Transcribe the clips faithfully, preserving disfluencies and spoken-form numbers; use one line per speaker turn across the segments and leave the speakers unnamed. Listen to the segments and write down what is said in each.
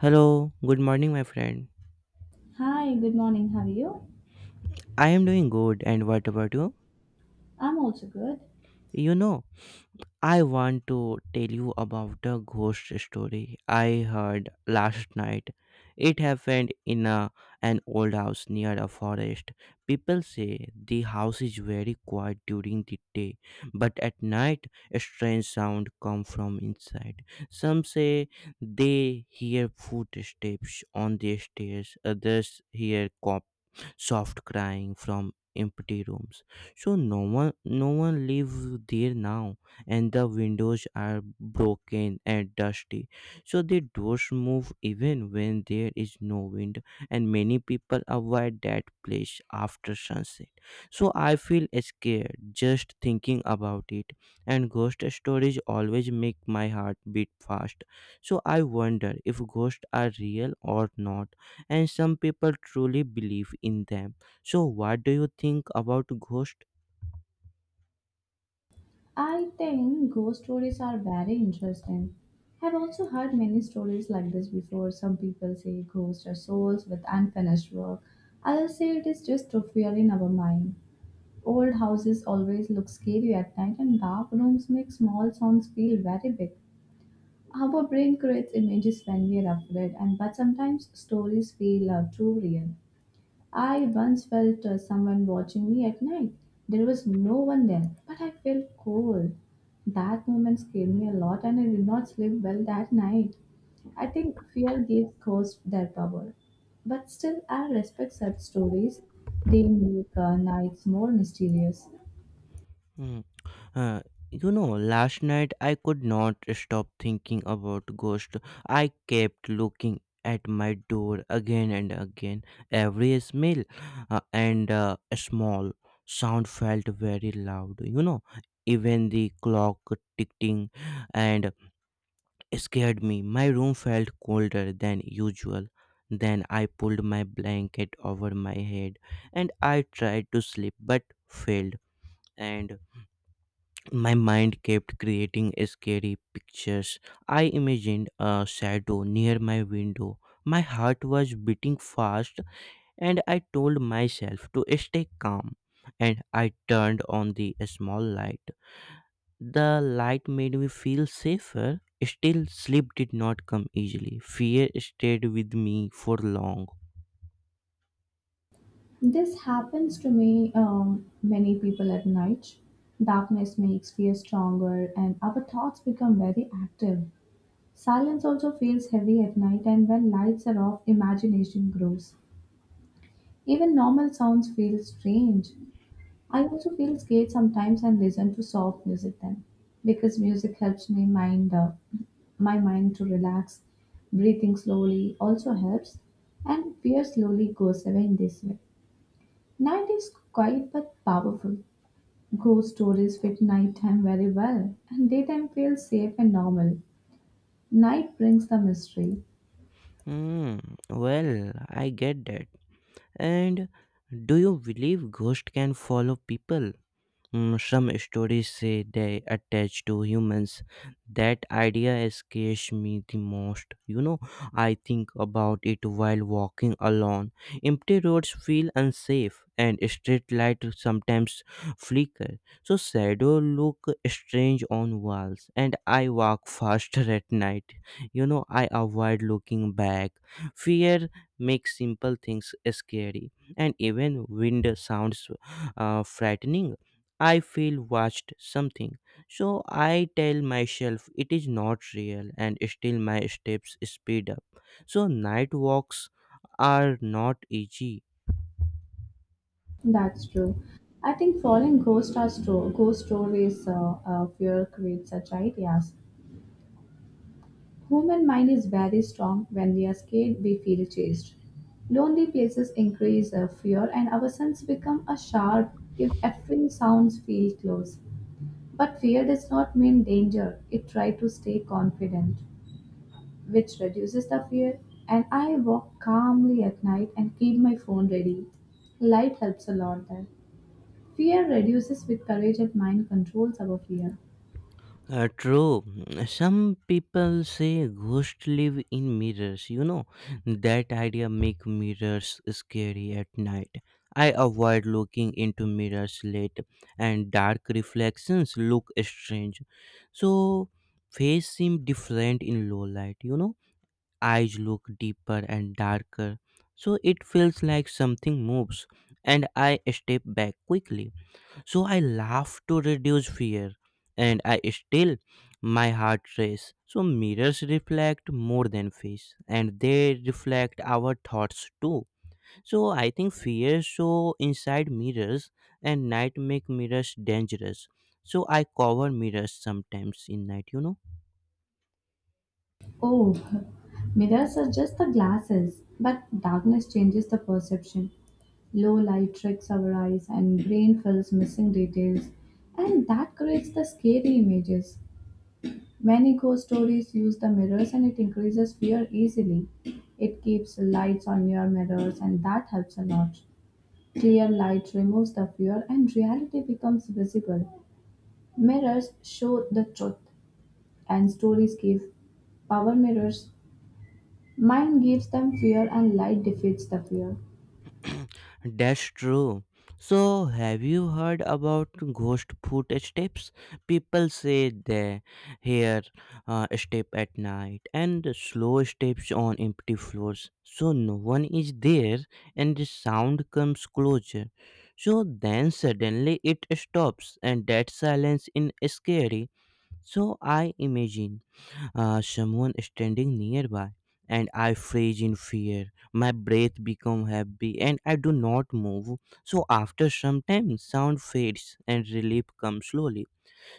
Hello, good morning, my friend.
Hi, good morning. How are you?
I am doing good, and what about you?
I'm also good.
You know, I want to tell you about the ghost story I heard last night. It happened in a, an old house near a forest. People say the house is very quiet during the day, but at night, a strange sound come from inside. Some say they hear footsteps on the stairs, others hear cop. Soft crying from empty rooms. So no one no one lives there now and the windows are broken and dusty. So the doors move even when there is no wind and many people avoid that place after sunset. So I feel scared just thinking about it and ghost stories always make my heart beat fast. So I wonder if ghosts are real or not and some people truly believe in them. So, what do you think about ghost?
I think ghost stories are very interesting. I've also heard many stories like this before. Some people say ghosts are souls with unfinished work. Others say it is just a fear in our mind. Old houses always look scary at night, and dark rooms make small sounds feel very big. Our brain creates images when we are afraid, and but sometimes stories feel uh, too real. I once felt uh, someone watching me at night. There was no one there, but I felt cold. That moment scared me a lot and I did not sleep well that night. I think fear gives ghosts their power. But still, I respect such stories. They make uh, nights more mysterious.
Hmm. Uh, you know, last night I could not stop thinking about ghost. I kept looking at my door again and again. Every smell uh, and uh, small sound felt very loud. You know, even the clock ticking and scared me. My room felt colder than usual. Then I pulled my blanket over my head and I tried to sleep but failed. And my mind kept creating scary pictures. I imagined a shadow near my window. My heart was beating fast and I told myself to stay calm and I turned on the small light. The light made me feel safer. Still, sleep did not come easily. Fear stayed with me for long.
This happens to me, um, many people at night. Darkness makes fear stronger, and our thoughts become very active. Silence also feels heavy at night, and when lights are off, imagination grows. Even normal sounds feel strange. I also feel scared sometimes and listen to soft music then, because music helps me mind uh, my mind to relax. Breathing slowly also helps, and fear slowly goes away in this way. Night is quiet but powerful. Ghost stories fit nighttime very well, and daytime feels safe and normal. Night brings the mystery.
Hmm, well, I get that. And do you believe ghosts can follow people? Mm, some stories say they attach to humans. That idea scares me the most. You know, I think about it while walking alone. Empty roads feel unsafe, and street lights sometimes flicker. So shadows look strange on walls, and I walk faster at night. You know, I avoid looking back. Fear makes simple things scary, and even wind sounds uh, frightening. I feel watched something. So I tell myself it is not real and still my steps speed up. So night walks are not easy.
That's true. I think following ghost are sto- ghost stories uh, uh, fear creates such ideas. Human mind is very strong. When we are scared, we feel chased. Lonely places increase uh, fear, and our sense become a sharp if every sounds feel close. But fear does not mean danger. It try to stay confident, which reduces the fear. And I walk calmly at night and keep my phone ready. Light helps a lot there. Fear reduces with courage and mind controls our fear.
Uh, true. Some people say ghosts live in mirrors. You know, that idea make mirrors scary at night. I avoid looking into mirrors late and dark reflections look strange. So face seem different in low light, you know eyes look deeper and darker, so it feels like something moves, and I step back quickly. So I laugh to reduce fear, and I still my heart race. So mirrors reflect more than face, and they reflect our thoughts too. So I think fear show inside mirrors, and night make mirrors dangerous. So I cover mirrors sometimes in night, you know.
Oh, mirrors are just the glasses, but darkness changes the perception. Low light tricks our eyes and brain fills missing details, and that creates the scary images. Many ghost stories use the mirrors and it increases fear easily. It keeps lights on your mirrors and that helps a lot. Clear light removes the fear and reality becomes visible. Mirrors show the truth. And stories give power mirrors. Mind gives them fear, and light defeats the fear.
That's true. So, have you heard about ghost footsteps? People say they hear uh, step at night and slow steps on empty floors. So, no one is there and the sound comes closer. So, then suddenly it stops, and that silence is scary. So, I imagine uh, someone standing nearby and I freeze in fear. My breath become heavy and I do not move. So after some time sound fades and relief comes slowly.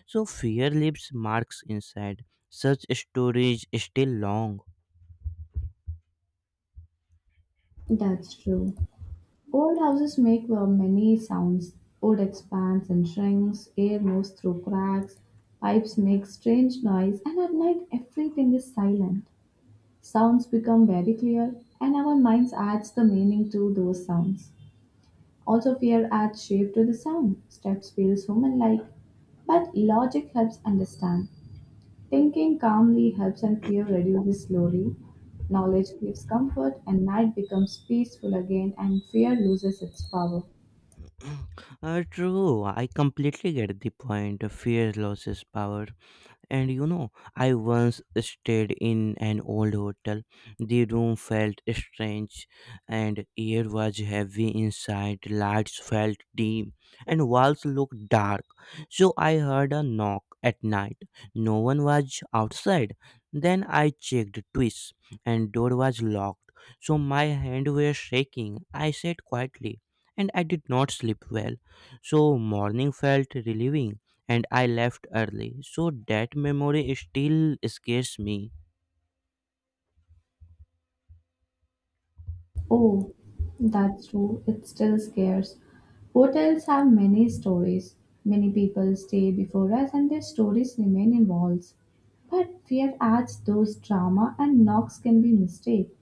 So fear leaves marks inside. Such storage is still long.
That's true. Old houses make uh, many sounds. Wood expands and shrinks, air moves through cracks, pipes make strange noise, and at night everything is silent. Sounds become very clear, and our minds adds the meaning to those sounds. Also, fear adds shape to the sound. Steps feels human-like, but logic helps understand. Thinking calmly helps and fear reduces slowly. Knowledge gives comfort and night becomes peaceful again and fear loses its power.
Uh, true, I completely get the point. Fear loses power. And you know, I once stayed in an old hotel. The room felt strange, and air was heavy inside. Lights felt dim, and walls looked dark. So I heard a knock at night. No one was outside. Then I checked twice, and door was locked. So my hand were shaking. I said quietly, and I did not sleep well. So morning felt relieving and I left early. So that memory still scares me.
Oh, that's true. It still scares. Hotels have many stories. Many people stay before us and their stories remain in walls. But fear adds those drama and knocks can be mistake.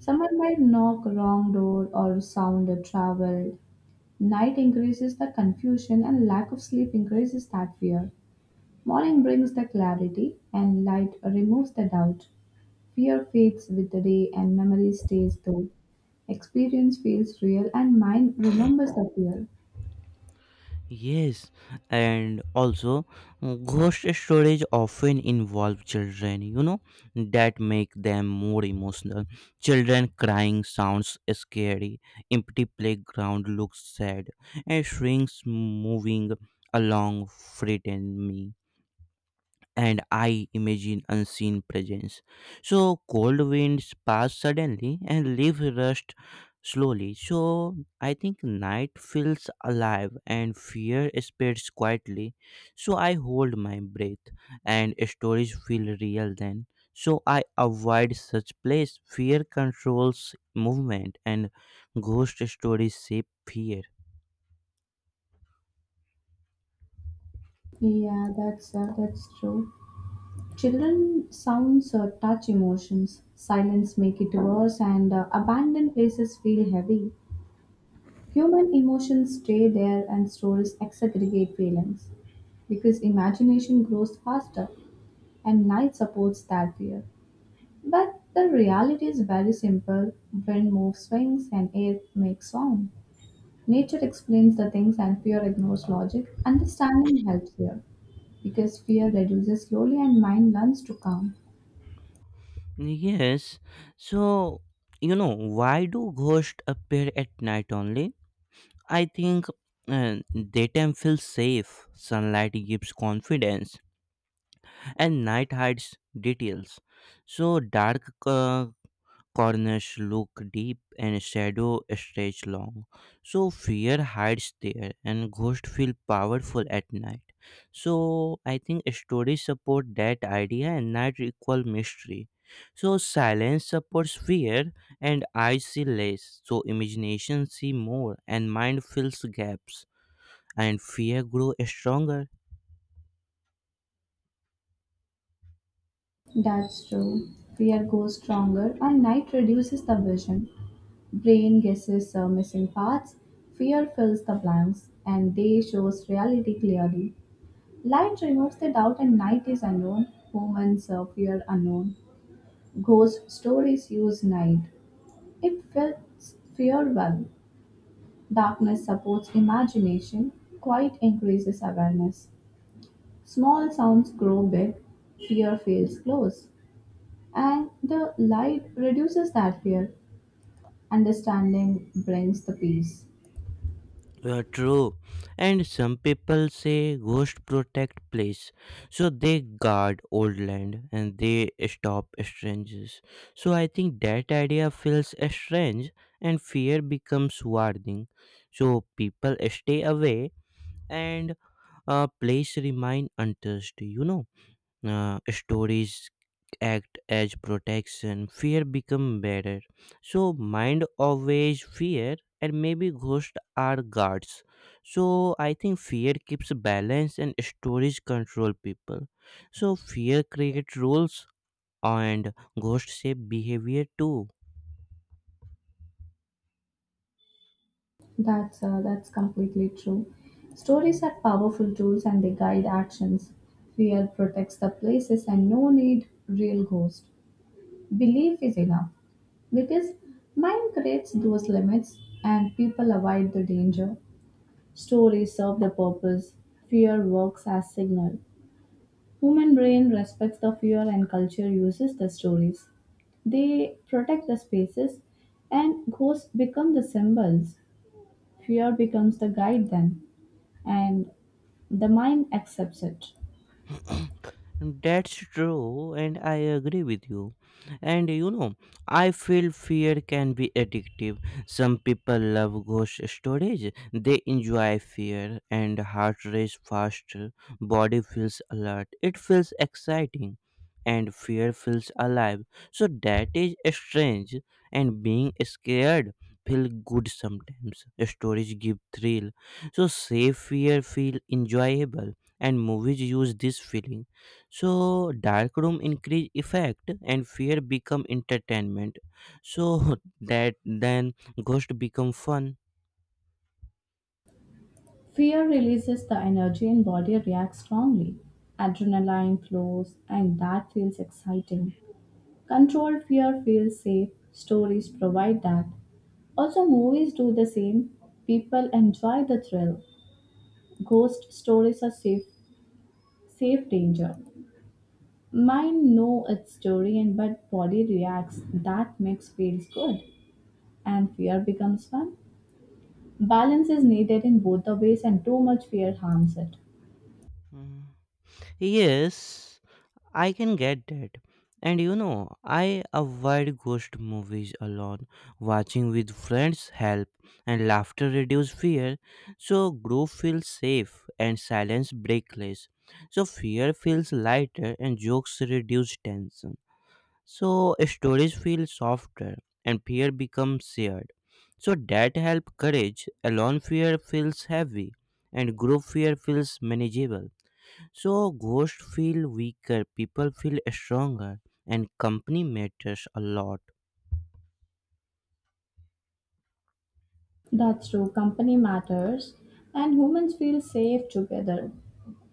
Someone might knock wrong door or sound a travel. Night increases the confusion and lack of sleep increases that fear. Morning brings the clarity and light removes the doubt. Fear fades with the day and memory stays though. Experience feels real and mind remembers the fear.
Yes, and also mm, ghost stories often involve children, you know, that make them more emotional. Children crying sounds scary, empty playground looks sad, and shrinks moving along frighten me, and I imagine unseen presence. So cold winds pass suddenly and leave rust slowly. So I think night feels alive and fear spreads quietly. So I hold my breath and stories feel real then. So I avoid such place. Fear controls movement and ghost stories shape fear.
Yeah, that's uh, that's true. Children sounds uh, touch emotions. Silence make it worse, and uh, abandoned places feel heavy. Human emotions stay there and stories exaggerate feelings because imagination grows faster and night supports that fear. But the reality is very simple wind moves swings and air makes sound. Nature explains the things and fear ignores logic. Understanding helps here because fear reduces slowly and mind learns to calm.
Yes. So, you know, why do ghosts appear at night only? I think uh, daytime feels safe, sunlight gives confidence, and night hides details. So, dark uh, Corners look deep and shadow stretch long. So fear hides there and ghosts feel powerful at night. So I think stories support that idea and night equal mystery. So silence supports fear and eyes see less. So imagination see more and mind fills gaps and fear grow stronger.
That's true. Fear grows stronger, and night reduces the vision. Brain guesses uh, missing parts. Fear fills the blanks, and day shows reality clearly. Light removes the doubt, and night is unknown. Humans uh, fear unknown. Ghost stories use night. It fits fear well. Darkness supports imagination. Quiet increases awareness. Small sounds grow big. Fear feels close. And the light reduces that fear. Understanding brings the peace.
Uh, true. And some people say ghosts protect place. So they guard old land and they stop strangers. So I think that idea feels strange and fear becomes warning. So people stay away and a place remain untouched. You know uh, stories act as protection. Fear become better, so mind always fear, and maybe ghosts are guards. So I think fear keeps balance and stories control people. So fear creates rules and ghosts shape behavior too.
That's uh, that's completely true. Stories are powerful tools and they guide actions. Fear protects the places and no need real ghost. Belief is enough because mind creates those limits and people avoid the danger. Stories serve the purpose. Fear works as signal. Human brain respects the fear and culture uses the stories. They protect the spaces and ghosts become the symbols. Fear becomes the guide then and the mind accepts it.
That's true, and I agree with you. And you know, I feel fear can be addictive. Some people love ghost stories, they enjoy fear, and heart race faster, body feels alert, it feels exciting, and fear feels alive. So that is strange, and being scared feel good sometimes. Stories give thrill, so say fear feel enjoyable, and movies use this feeling. So dark room increase effect and fear become entertainment. So that then ghost become fun.
Fear releases the energy and body reacts strongly. Adrenaline flows and that feels exciting. Controlled fear feels safe. Stories provide that. Also movies do the same. People enjoy the thrill. Ghost stories are safe. Safe danger. Mind know its story and but body reacts. That mix feels good and fear becomes fun. Balance is needed in both the ways and too much fear harms it.
Mm. Yes, I can get that, and you know i avoid ghost movies alone. Watching with friends help and laughter reduce fear. So group feels safe and silence breakless. So fear feels lighter and jokes reduce tension. So stories feel softer and fear becomes shared. So that help courage. Alone fear feels heavy and group fear feels manageable. So ghosts feel weaker, people feel stronger, and company matters a lot.
That's true. Company matters and humans feel safe together.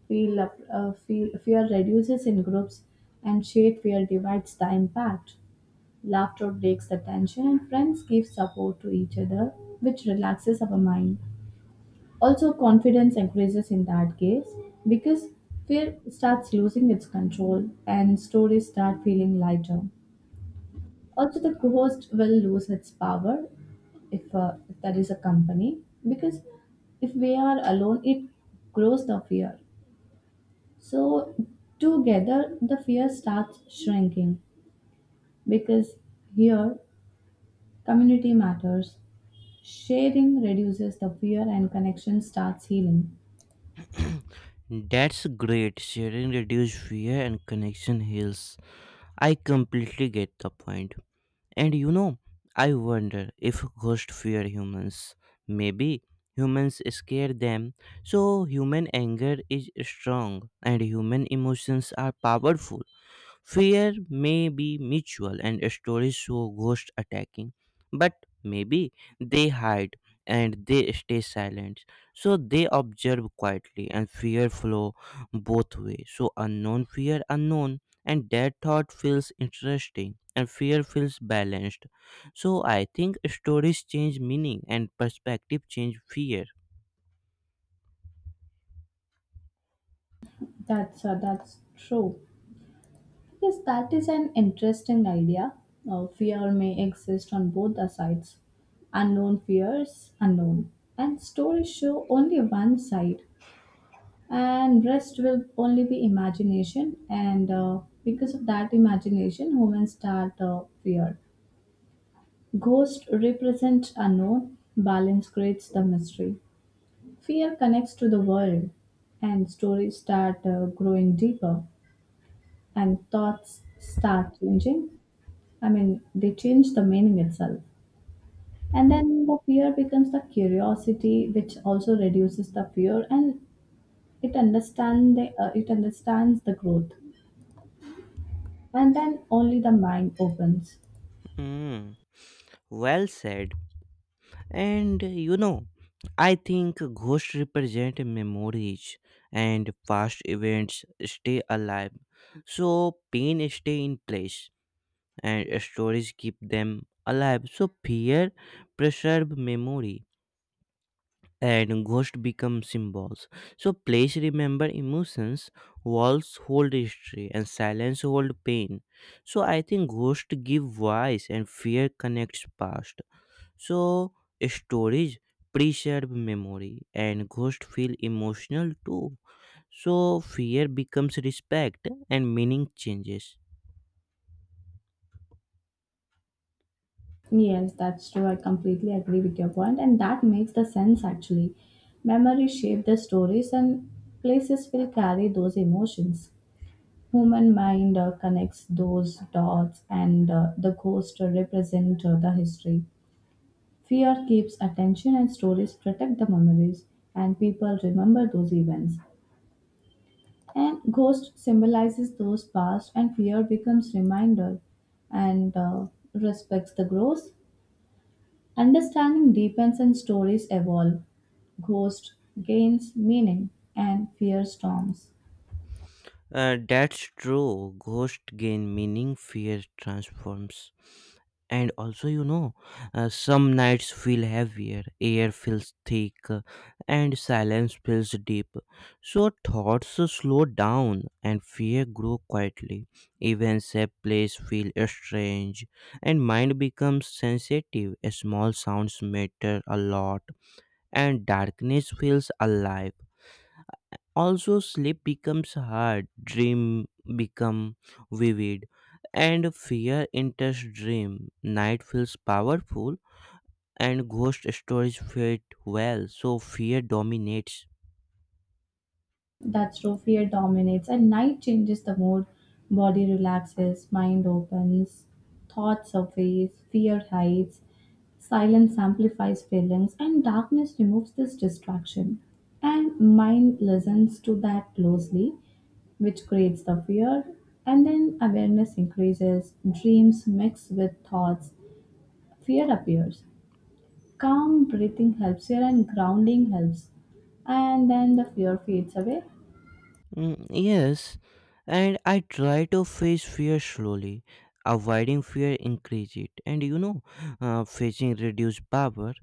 Feel, up- uh, feel fear reduces in groups and shared fear divides the impact. Laughter breaks the tension and friends give support to each other which relaxes our mind. Also, confidence increases in that case because fear starts losing its control and stories start feeling lighter. Also, the ghost will lose its power if, uh, if there is a company because if we are alone, it grows the fear. So, together, the fear starts shrinking because here community matters. Sharing reduces the fear and connection starts healing.
That's great. Sharing reduces fear and connection heals. I completely get the point. And you know, I wonder if ghosts fear humans. Maybe humans scare them, so human anger is strong and human emotions are powerful. Fear may be mutual and stories show ghosts attacking, but maybe they hide and they stay silent. So they observe quietly and fear flow both ways. So unknown fear unknown and that thought feels interesting and fear feels balanced. So I think stories change meaning and perspective change fear.
That's uh, that's true. Yes, that is an interesting idea. Uh, fear may exist on both the sides. Unknown fears, unknown. And stories show only one side, and rest will only be imagination. And uh, because of that imagination, humans start uh, fear. Ghost represent unknown, balance creates the mystery. Fear connects to the world, and stories start uh, growing deeper, and thoughts start changing. I mean, they change the meaning itself. And then the fear becomes the curiosity, which also reduces the fear, and it understand the uh, it understands the growth, and then only the mind opens.
Hmm. Well said. And uh, you know, I think ghosts represent memories and past events stay alive. So pain stay in place and stories keep them alive. So fear preserve memory and ghosts become symbols. So place remember emotions, walls hold history and silence hold pain. So I think ghosts give voice and fear connects past. So, storage preserve memory and ghosts feel emotional too. So, fear becomes respect and meaning changes.
Yes, that's true. I completely agree with your point, and that makes the sense actually. Memory shape the stories, and places will carry those emotions. Human mind uh, connects those dots, and uh, the ghost represent uh, the history. Fear keeps attention, and stories protect the memories, and people remember those events. And ghost symbolizes those past, and fear becomes reminder, and uh, respects the growth. Understanding deepens, and stories evolve. Ghost gains meaning, and fear storms.
Uh, that's true. Ghosts gain meaning, fear transforms. And also, you know, uh, some nights feel heavier, air feels thick, uh, and silence feels deep. So thoughts slow down and fear grow quietly. Even sad place feel strange, and mind becomes sensitive. Small sounds matter a lot, and darkness feels alive. Also sleep becomes hard, dream become vivid, and fear enters dream. Night feels powerful and ghost stories fit well, so fear dominates.
That's true. Fear dominates, and night changes the mood. Body relaxes, mind opens, thoughts surface, fear hides, silence amplifies feelings, and darkness removes this distraction. And mind listens to that closely, which creates the fear, and then awareness increases, dreams mix with thoughts, fear appears. Calm breathing helps here, and grounding helps, and then the fear fades away.
Mm, yes, and I try to face fear slowly. Avoiding fear increase it, and you know uh, facing reduce power.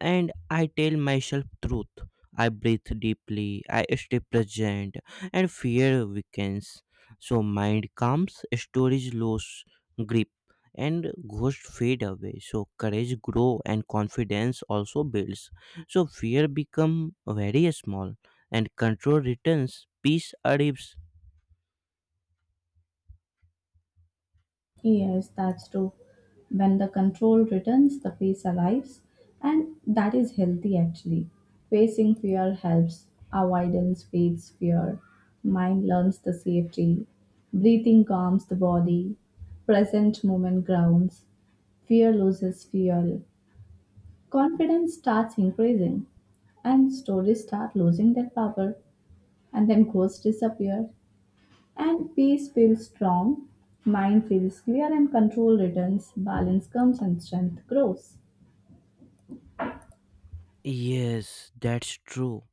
And I tell myself truth. I breathe deeply, I stay present, and fear weakens. So mind calms, storage lose grip, and ghosts fade away. So courage grow and confidence also builds. So fear become very small, and control returns, peace arrives.
Yes, that's true. When the control returns, the face arrives, and that is healthy actually. Facing fear helps, avoidance fades fear, mind learns the safety, breathing calms the body, present moment grounds, fear loses fuel, confidence starts increasing, and stories start losing their power, and then ghosts disappear. And peace feels strong, mind feels clear, and control returns. Balance comes and strength grows.
Yes, that's true.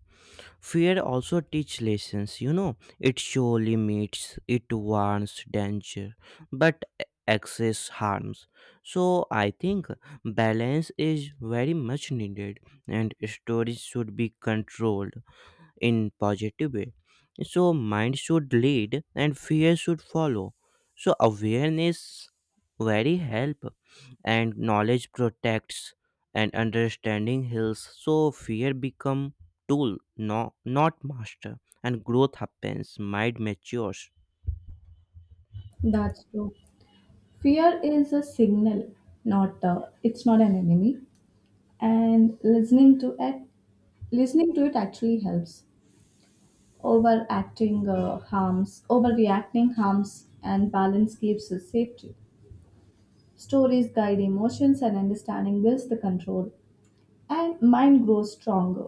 Fear also teach lessons, you know. It show limits, it warns danger, but excess harms. So I think balance is very much needed and stories should be controlled in positive way. So mind should lead and fear should follow. So awareness very help, and knowledge protects, and understanding heals. So fear become tool, no, not master, and growth happens, mind matures.
That's true. Fear is a signal, not a, it's not an enemy. And listening to it, listening to it actually helps. Overacting uh, harms, overreacting harms, and balance keeps us safety. Stories guide emotions, and understanding builds the control. And mind grows stronger.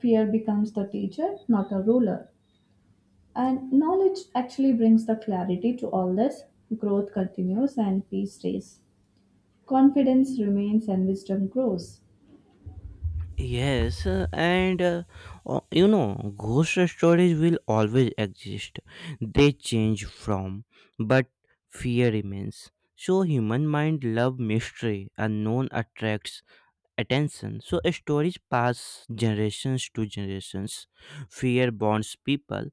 Fear becomes the teacher, not a ruler. And knowledge actually brings the clarity to all this. Growth continues and peace stays. Confidence remains and wisdom grows.
Yes, uh, and uh, o- you know, ghost stories will always exist. They change from, but fear remains. So human mind love mystery, unknown attracts attention. So stories pass generations to generations. Fear bonds people.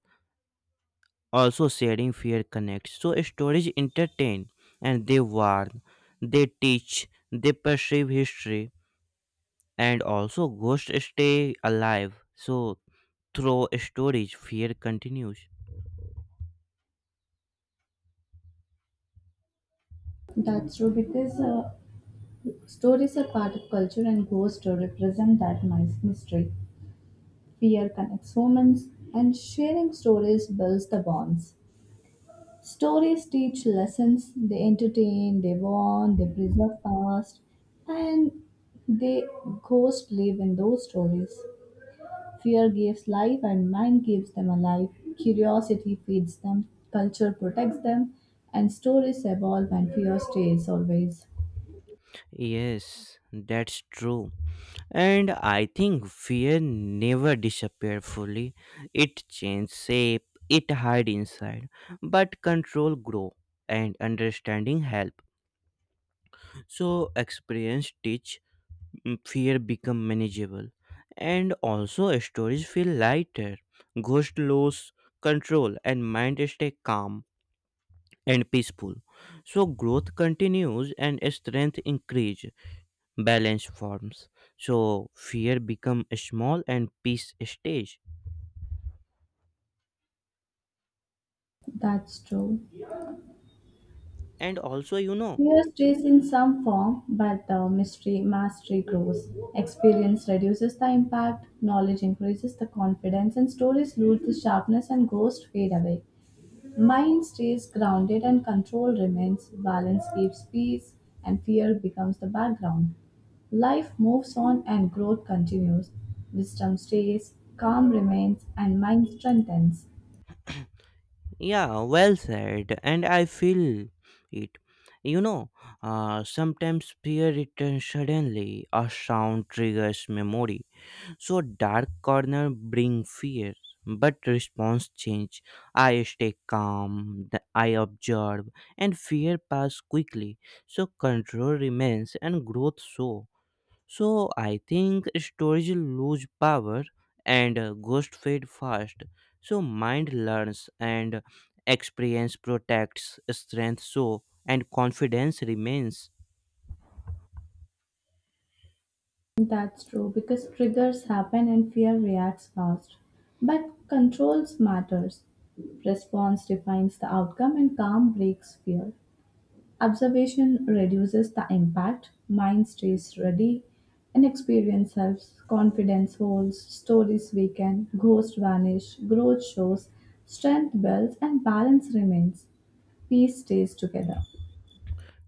Also sharing fear connects. So stories entertain and they warn, they teach, they perceive history, and also ghosts stay alive. So through storage fear continues.
That's true because uh, stories are part of culture and goes to represent that mys- mystery. Fear connects humans, and sharing stories builds the bonds. Stories teach lessons, they entertain, they warn, they preserve past, and they ghosts live in those stories. Fear gives life, and mind gives them alive. Curiosity feeds them, culture protects them, and stories evolve, and fear stays always.
Yes, that's true, and I think fear never disappears fully. It changes shape, it hide inside, but control grow and understanding help. So experience teach. Mm, fear become manageable, and also stories feel lighter. Ghost lose control and mind stay calm and peaceful. So growth continues and strength increase, balance forms. So fear become small and peace stays.
That's true.
And also, you know,
Fear stays in some form, but the mystery mastery grows. Experience reduces the impact, knowledge increases the confidence, and stories lose the sharpness and ghosts fade away. Mind stays grounded and control remains, balance keeps peace, and fear becomes the background. Life moves on and growth continues. Wisdom stays, calm remains, and mind strengthens.
yeah, well said. And I feel it. You know, uh, sometimes fear returns suddenly. A sound triggers memory. So dark corner bring fear, but response change. I stay calm, th- I observe, and fear pass quickly. So control remains and growth so. So I think storage lose power and uh, ghost fade fast. So mind learns and experience protects strength so and confidence remains.
That's true because triggers happen and fear reacts fast. But controls matters. Response defines the outcome and calm breaks fear. Observation reduces the impact, mind stays ready, and experience helps. Confidence holds, stories weaken, ghosts vanish, growth shows, strength builds, and balance remains. Peace stays together.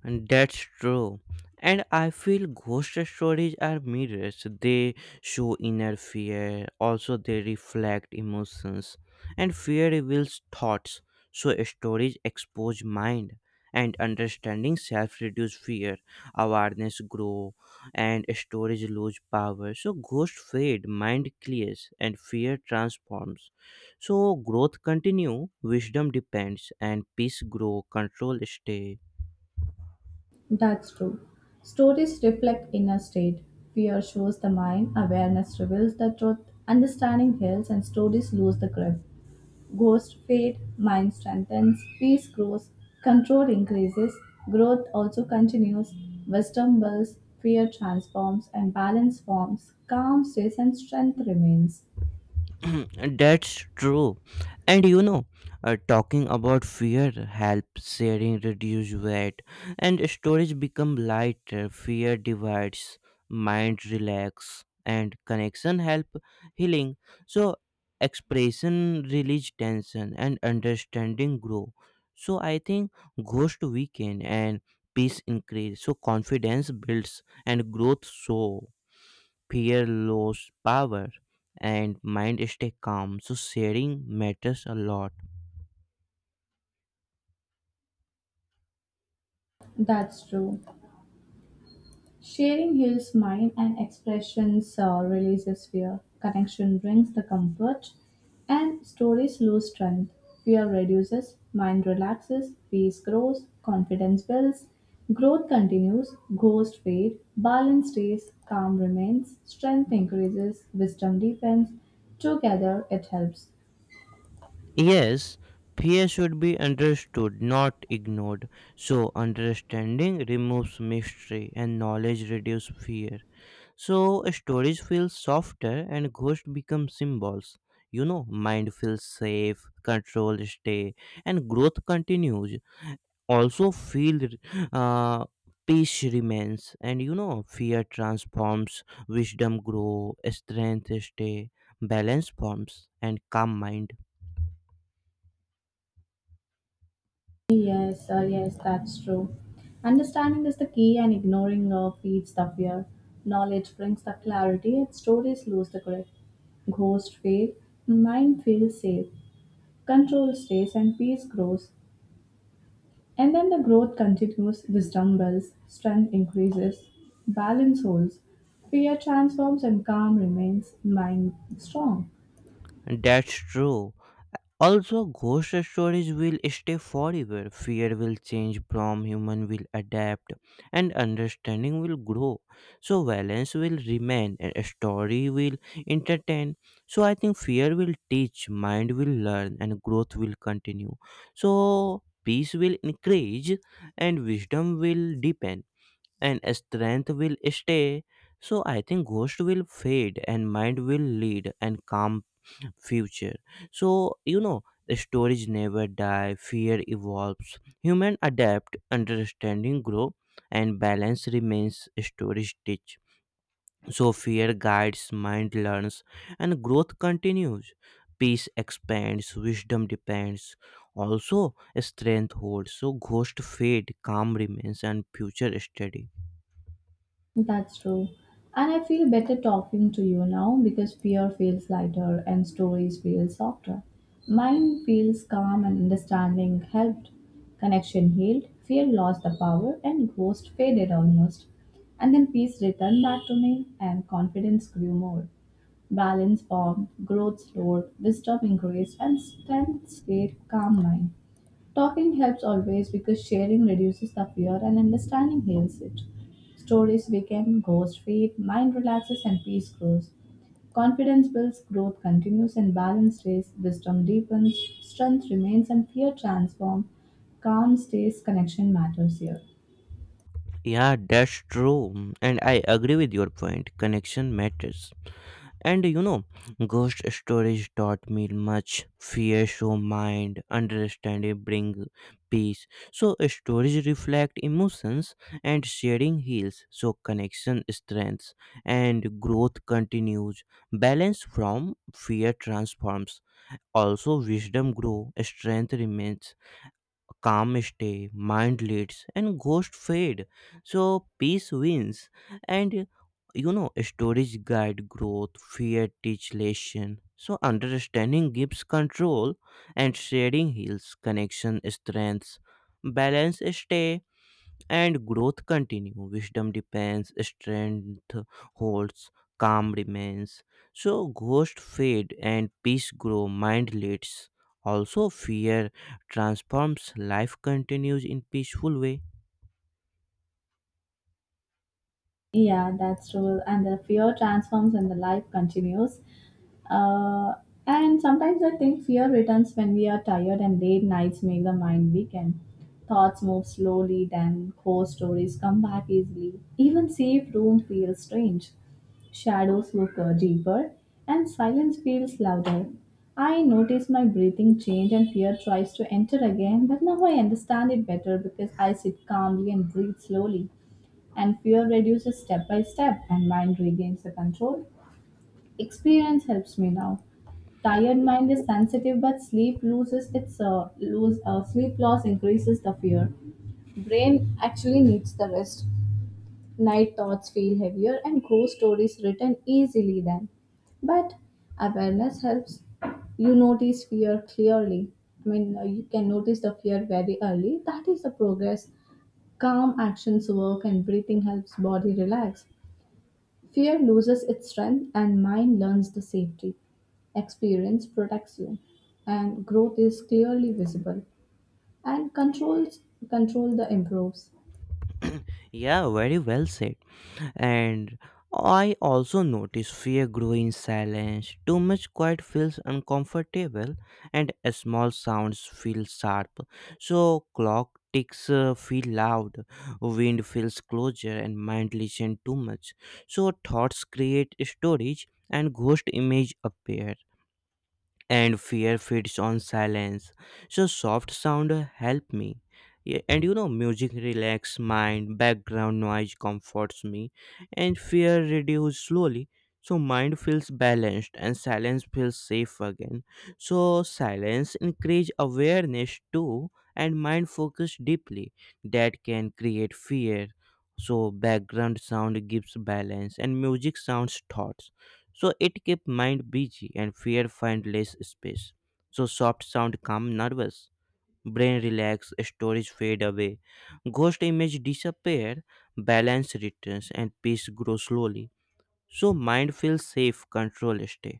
And that's true. And I feel ghost stories are mirrors. They show inner fear. Also, they reflect emotions. And fear reveals thoughts. So, stories expose mind. And understanding self reduce fear. Awareness grow. And stories lose power. So, ghost fade. Mind clears. And fear transforms. So, growth continue. Wisdom depends. And peace grow. Control stay.
That's true. Stories reflect inner state. Fear shows the mind, awareness reveals the truth, understanding heals, and stories lose the grip. Ghosts fade, mind strengthens, peace grows, control increases, growth also continues, wisdom builds, fear transforms, and balance forms, calm stays, and strength remains.
That's true. And you know, uh, talking about fear helps sharing reduce weight and storage become lighter. Fear divides, mind relax, and connection help healing. So expression release tension and understanding grow. So I think ghost weaken and peace increase. So confidence builds and growth show fear lose power and mind stay calm, so sharing matters a lot.
That's true. Sharing heals mind and expressions uh, releases fear. Connection brings the comfort and stories lose strength. Fear reduces, mind relaxes, peace grows, confidence builds, growth continues, ghosts fade, balance stays, calm remains, strength increases, wisdom deepens. Together it helps.
Yes, fear should be understood, not ignored. So understanding removes mystery and knowledge reduces fear. So stories feel softer and ghosts become symbols. You know, mind feels safe, control stay, and growth continues. Also feel, uh, peace remains, and you know fear transforms, wisdom grow, strength stay, balance forms and calm mind.
Yes, uh, yes, that's true. Understanding is the key, and ignoring uh, feeds the fear. Knowledge brings the clarity, and stories lose the grip. Ghost fade, mind feels safe, control stays, and peace grows. And then the growth continues, wisdom builds, strength increases, balance holds, fear transforms, and calm remains, mind strong.
And that's true. Also, ghost stories will stay forever. Fear will change from human will adapt and understanding will grow. So balance will remain and a story will entertain. So I think fear will teach, mind will learn and growth will continue. So peace will increase and wisdom will deepen and strength will stay. So I think ghost will fade and mind will lead and calm future. So, you know, storage never die, fear evolves, human adapt, understanding grow, and balance remains storage teach. So fear guides, mind learns, and growth continues. Peace expands, wisdom depends. Also, strength holds. So ghost fade, calm remains, and future steady.
That's true. And I feel better talking to you now because fear feels lighter and stories feel softer. Mine feels calm and understanding helped. Connection healed, fear lost the power, and ghost faded almost. And then peace returned back to me, and confidence grew more. Balance formed, growth slowed, wisdom increased, and strength stayed calm mine. Talking helps always because sharing reduces the fear and understanding heals it. Stories become ghost feed, mind relaxes and peace grows. Confidence builds, growth continues, and balance stays. Wisdom deepens, strength remains, and fear transforms. Calm stays, connection matters here.
Yeah, that's true. And I agree with your point. Connection matters. And you know, ghost stories taught me much. Fear show mind, understanding bring peace. So stories reflect emotions and sharing heals. So connection strengths and growth continues. Balance from fear transforms. Also wisdom grow, strength remains. A calm stay, mind leads, and ghosts fade. So peace wins, and you know, storage guide growth, fear teach lesson. So understanding gives control, and sharing heals connection strengths. Balance stay and growth continue, wisdom depends, strength holds, calm remains. So ghost fade and peace grow, mind leads. Also fear transforms, life continues in peaceful way.
Yeah, that's true. And the fear transforms and the life continues. Uh, and sometimes I think fear returns when we are tired and late nights make the mind weaken. Thoughts move slowly, then ghost stories come back easily. Even safe room feels strange. Shadows look uh, deeper, and silence feels louder. I notice my breathing change and fear tries to enter again, but now I understand it better because I sit calmly and breathe slowly and fear reduces step by step and mind regains the control. Experience helps me now. Tired mind is sensitive but sleep loses its uh, lose uh, sleep loss increases the fear. Brain actually needs the rest. Night thoughts feel heavier and ghost stories written easily then, but awareness helps you notice fear clearly. I mean, uh, you can notice the fear very early. That is the progress. Calm actions work and breathing helps body relax. Fear loses its strength and mind learns the safety. Experience protects you and growth is clearly visible and controls control the improves.
Yeah, very well said. And I also notice fear growing in silence. Too much quiet feels uncomfortable, and small sounds feel sharp. So clock ticks uh, feel loud, wind feels closer, and mind listen too much. So thoughts create storage, and ghost image appear and fear feeds on silence, so soft sound help me. Yeah, and you know music relax mind, background noise comforts me and fear reduce slowly. So mind feels balanced and silence feels safe again. So silence increase awareness too and mind focus deeply, that can create fear. So background sound gives balance and music sounds thoughts. So it kept mind busy and fear find less space. So soft sound calm nervous. Brain relax, storage fade away, ghost image disappear, balance returns and peace grows slowly. So mind feels safe, control stay.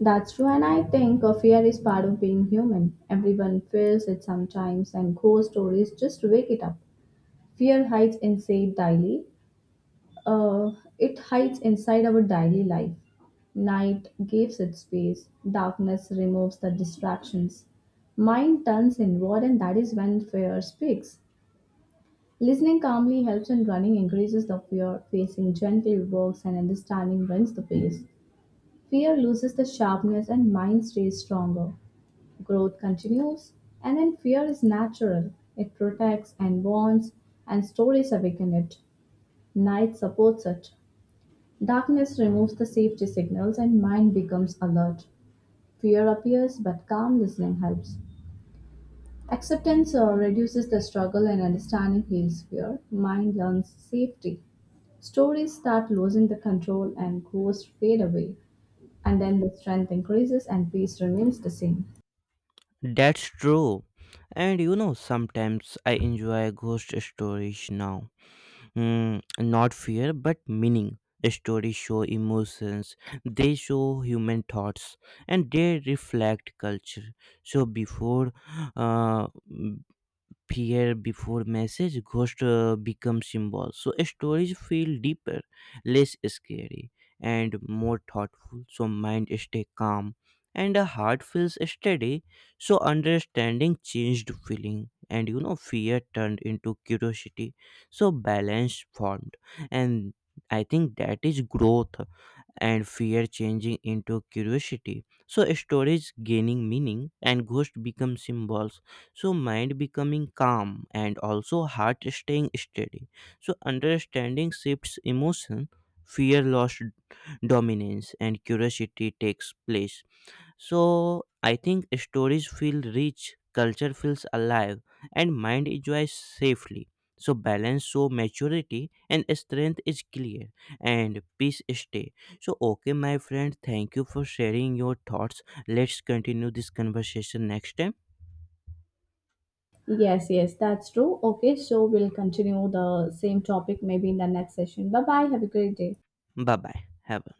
That's true and I think a fear is part of being human. Everyone feels it sometimes and ghost stories just wake it up. Fear hides inside daily Uh, it hides inside our daily life. Night gives it space, darkness removes the distractions. Mind turns inward, and that is when fear speaks. Listening calmly helps and running, increases the fear, facing gently works, and understanding brings the peace. Fear loses the sharpness, and mind stays stronger. Growth continues, and then fear is natural. It protects and bonds, and stories awaken it. Night supports it. Darkness removes the safety signals and mind becomes alert. Fear appears, but calm listening helps. Acceptance uh, reduces the struggle and understanding heals fear. Mind learns safety. Stories start losing the control and ghosts fade away. And then the strength increases and peace remains the same.
That's true. And you know sometimes I enjoy ghost stories now. Mm, not fear, but meaning. Stories show emotions, they show human thoughts, and they reflect culture. So, before, uh, appear before message, ghost uh, become symbol. So stories feel deeper, less scary, and more thoughtful. So mind stay calm, and the heart feels steady. So understanding changed feeling, and you know fear turned into curiosity. So balance formed, and I think that is growth, and fear changing into curiosity. So stories gaining meaning and ghosts become symbols. So mind becoming calm and also heart staying steady. So understanding shifts emotion, fear lost dominance and curiosity takes place. So I think stories feel rich, culture feels alive, and mind enjoys safely. So balance, so maturity and strength is clear, and peace stay. So okay, my friend, thank you for sharing your thoughts. Let's continue this conversation next time.
Yes, yes, that's true. Okay, so we'll continue the same topic maybe in the next session. Bye bye. Have a great day.
Bye bye. Have a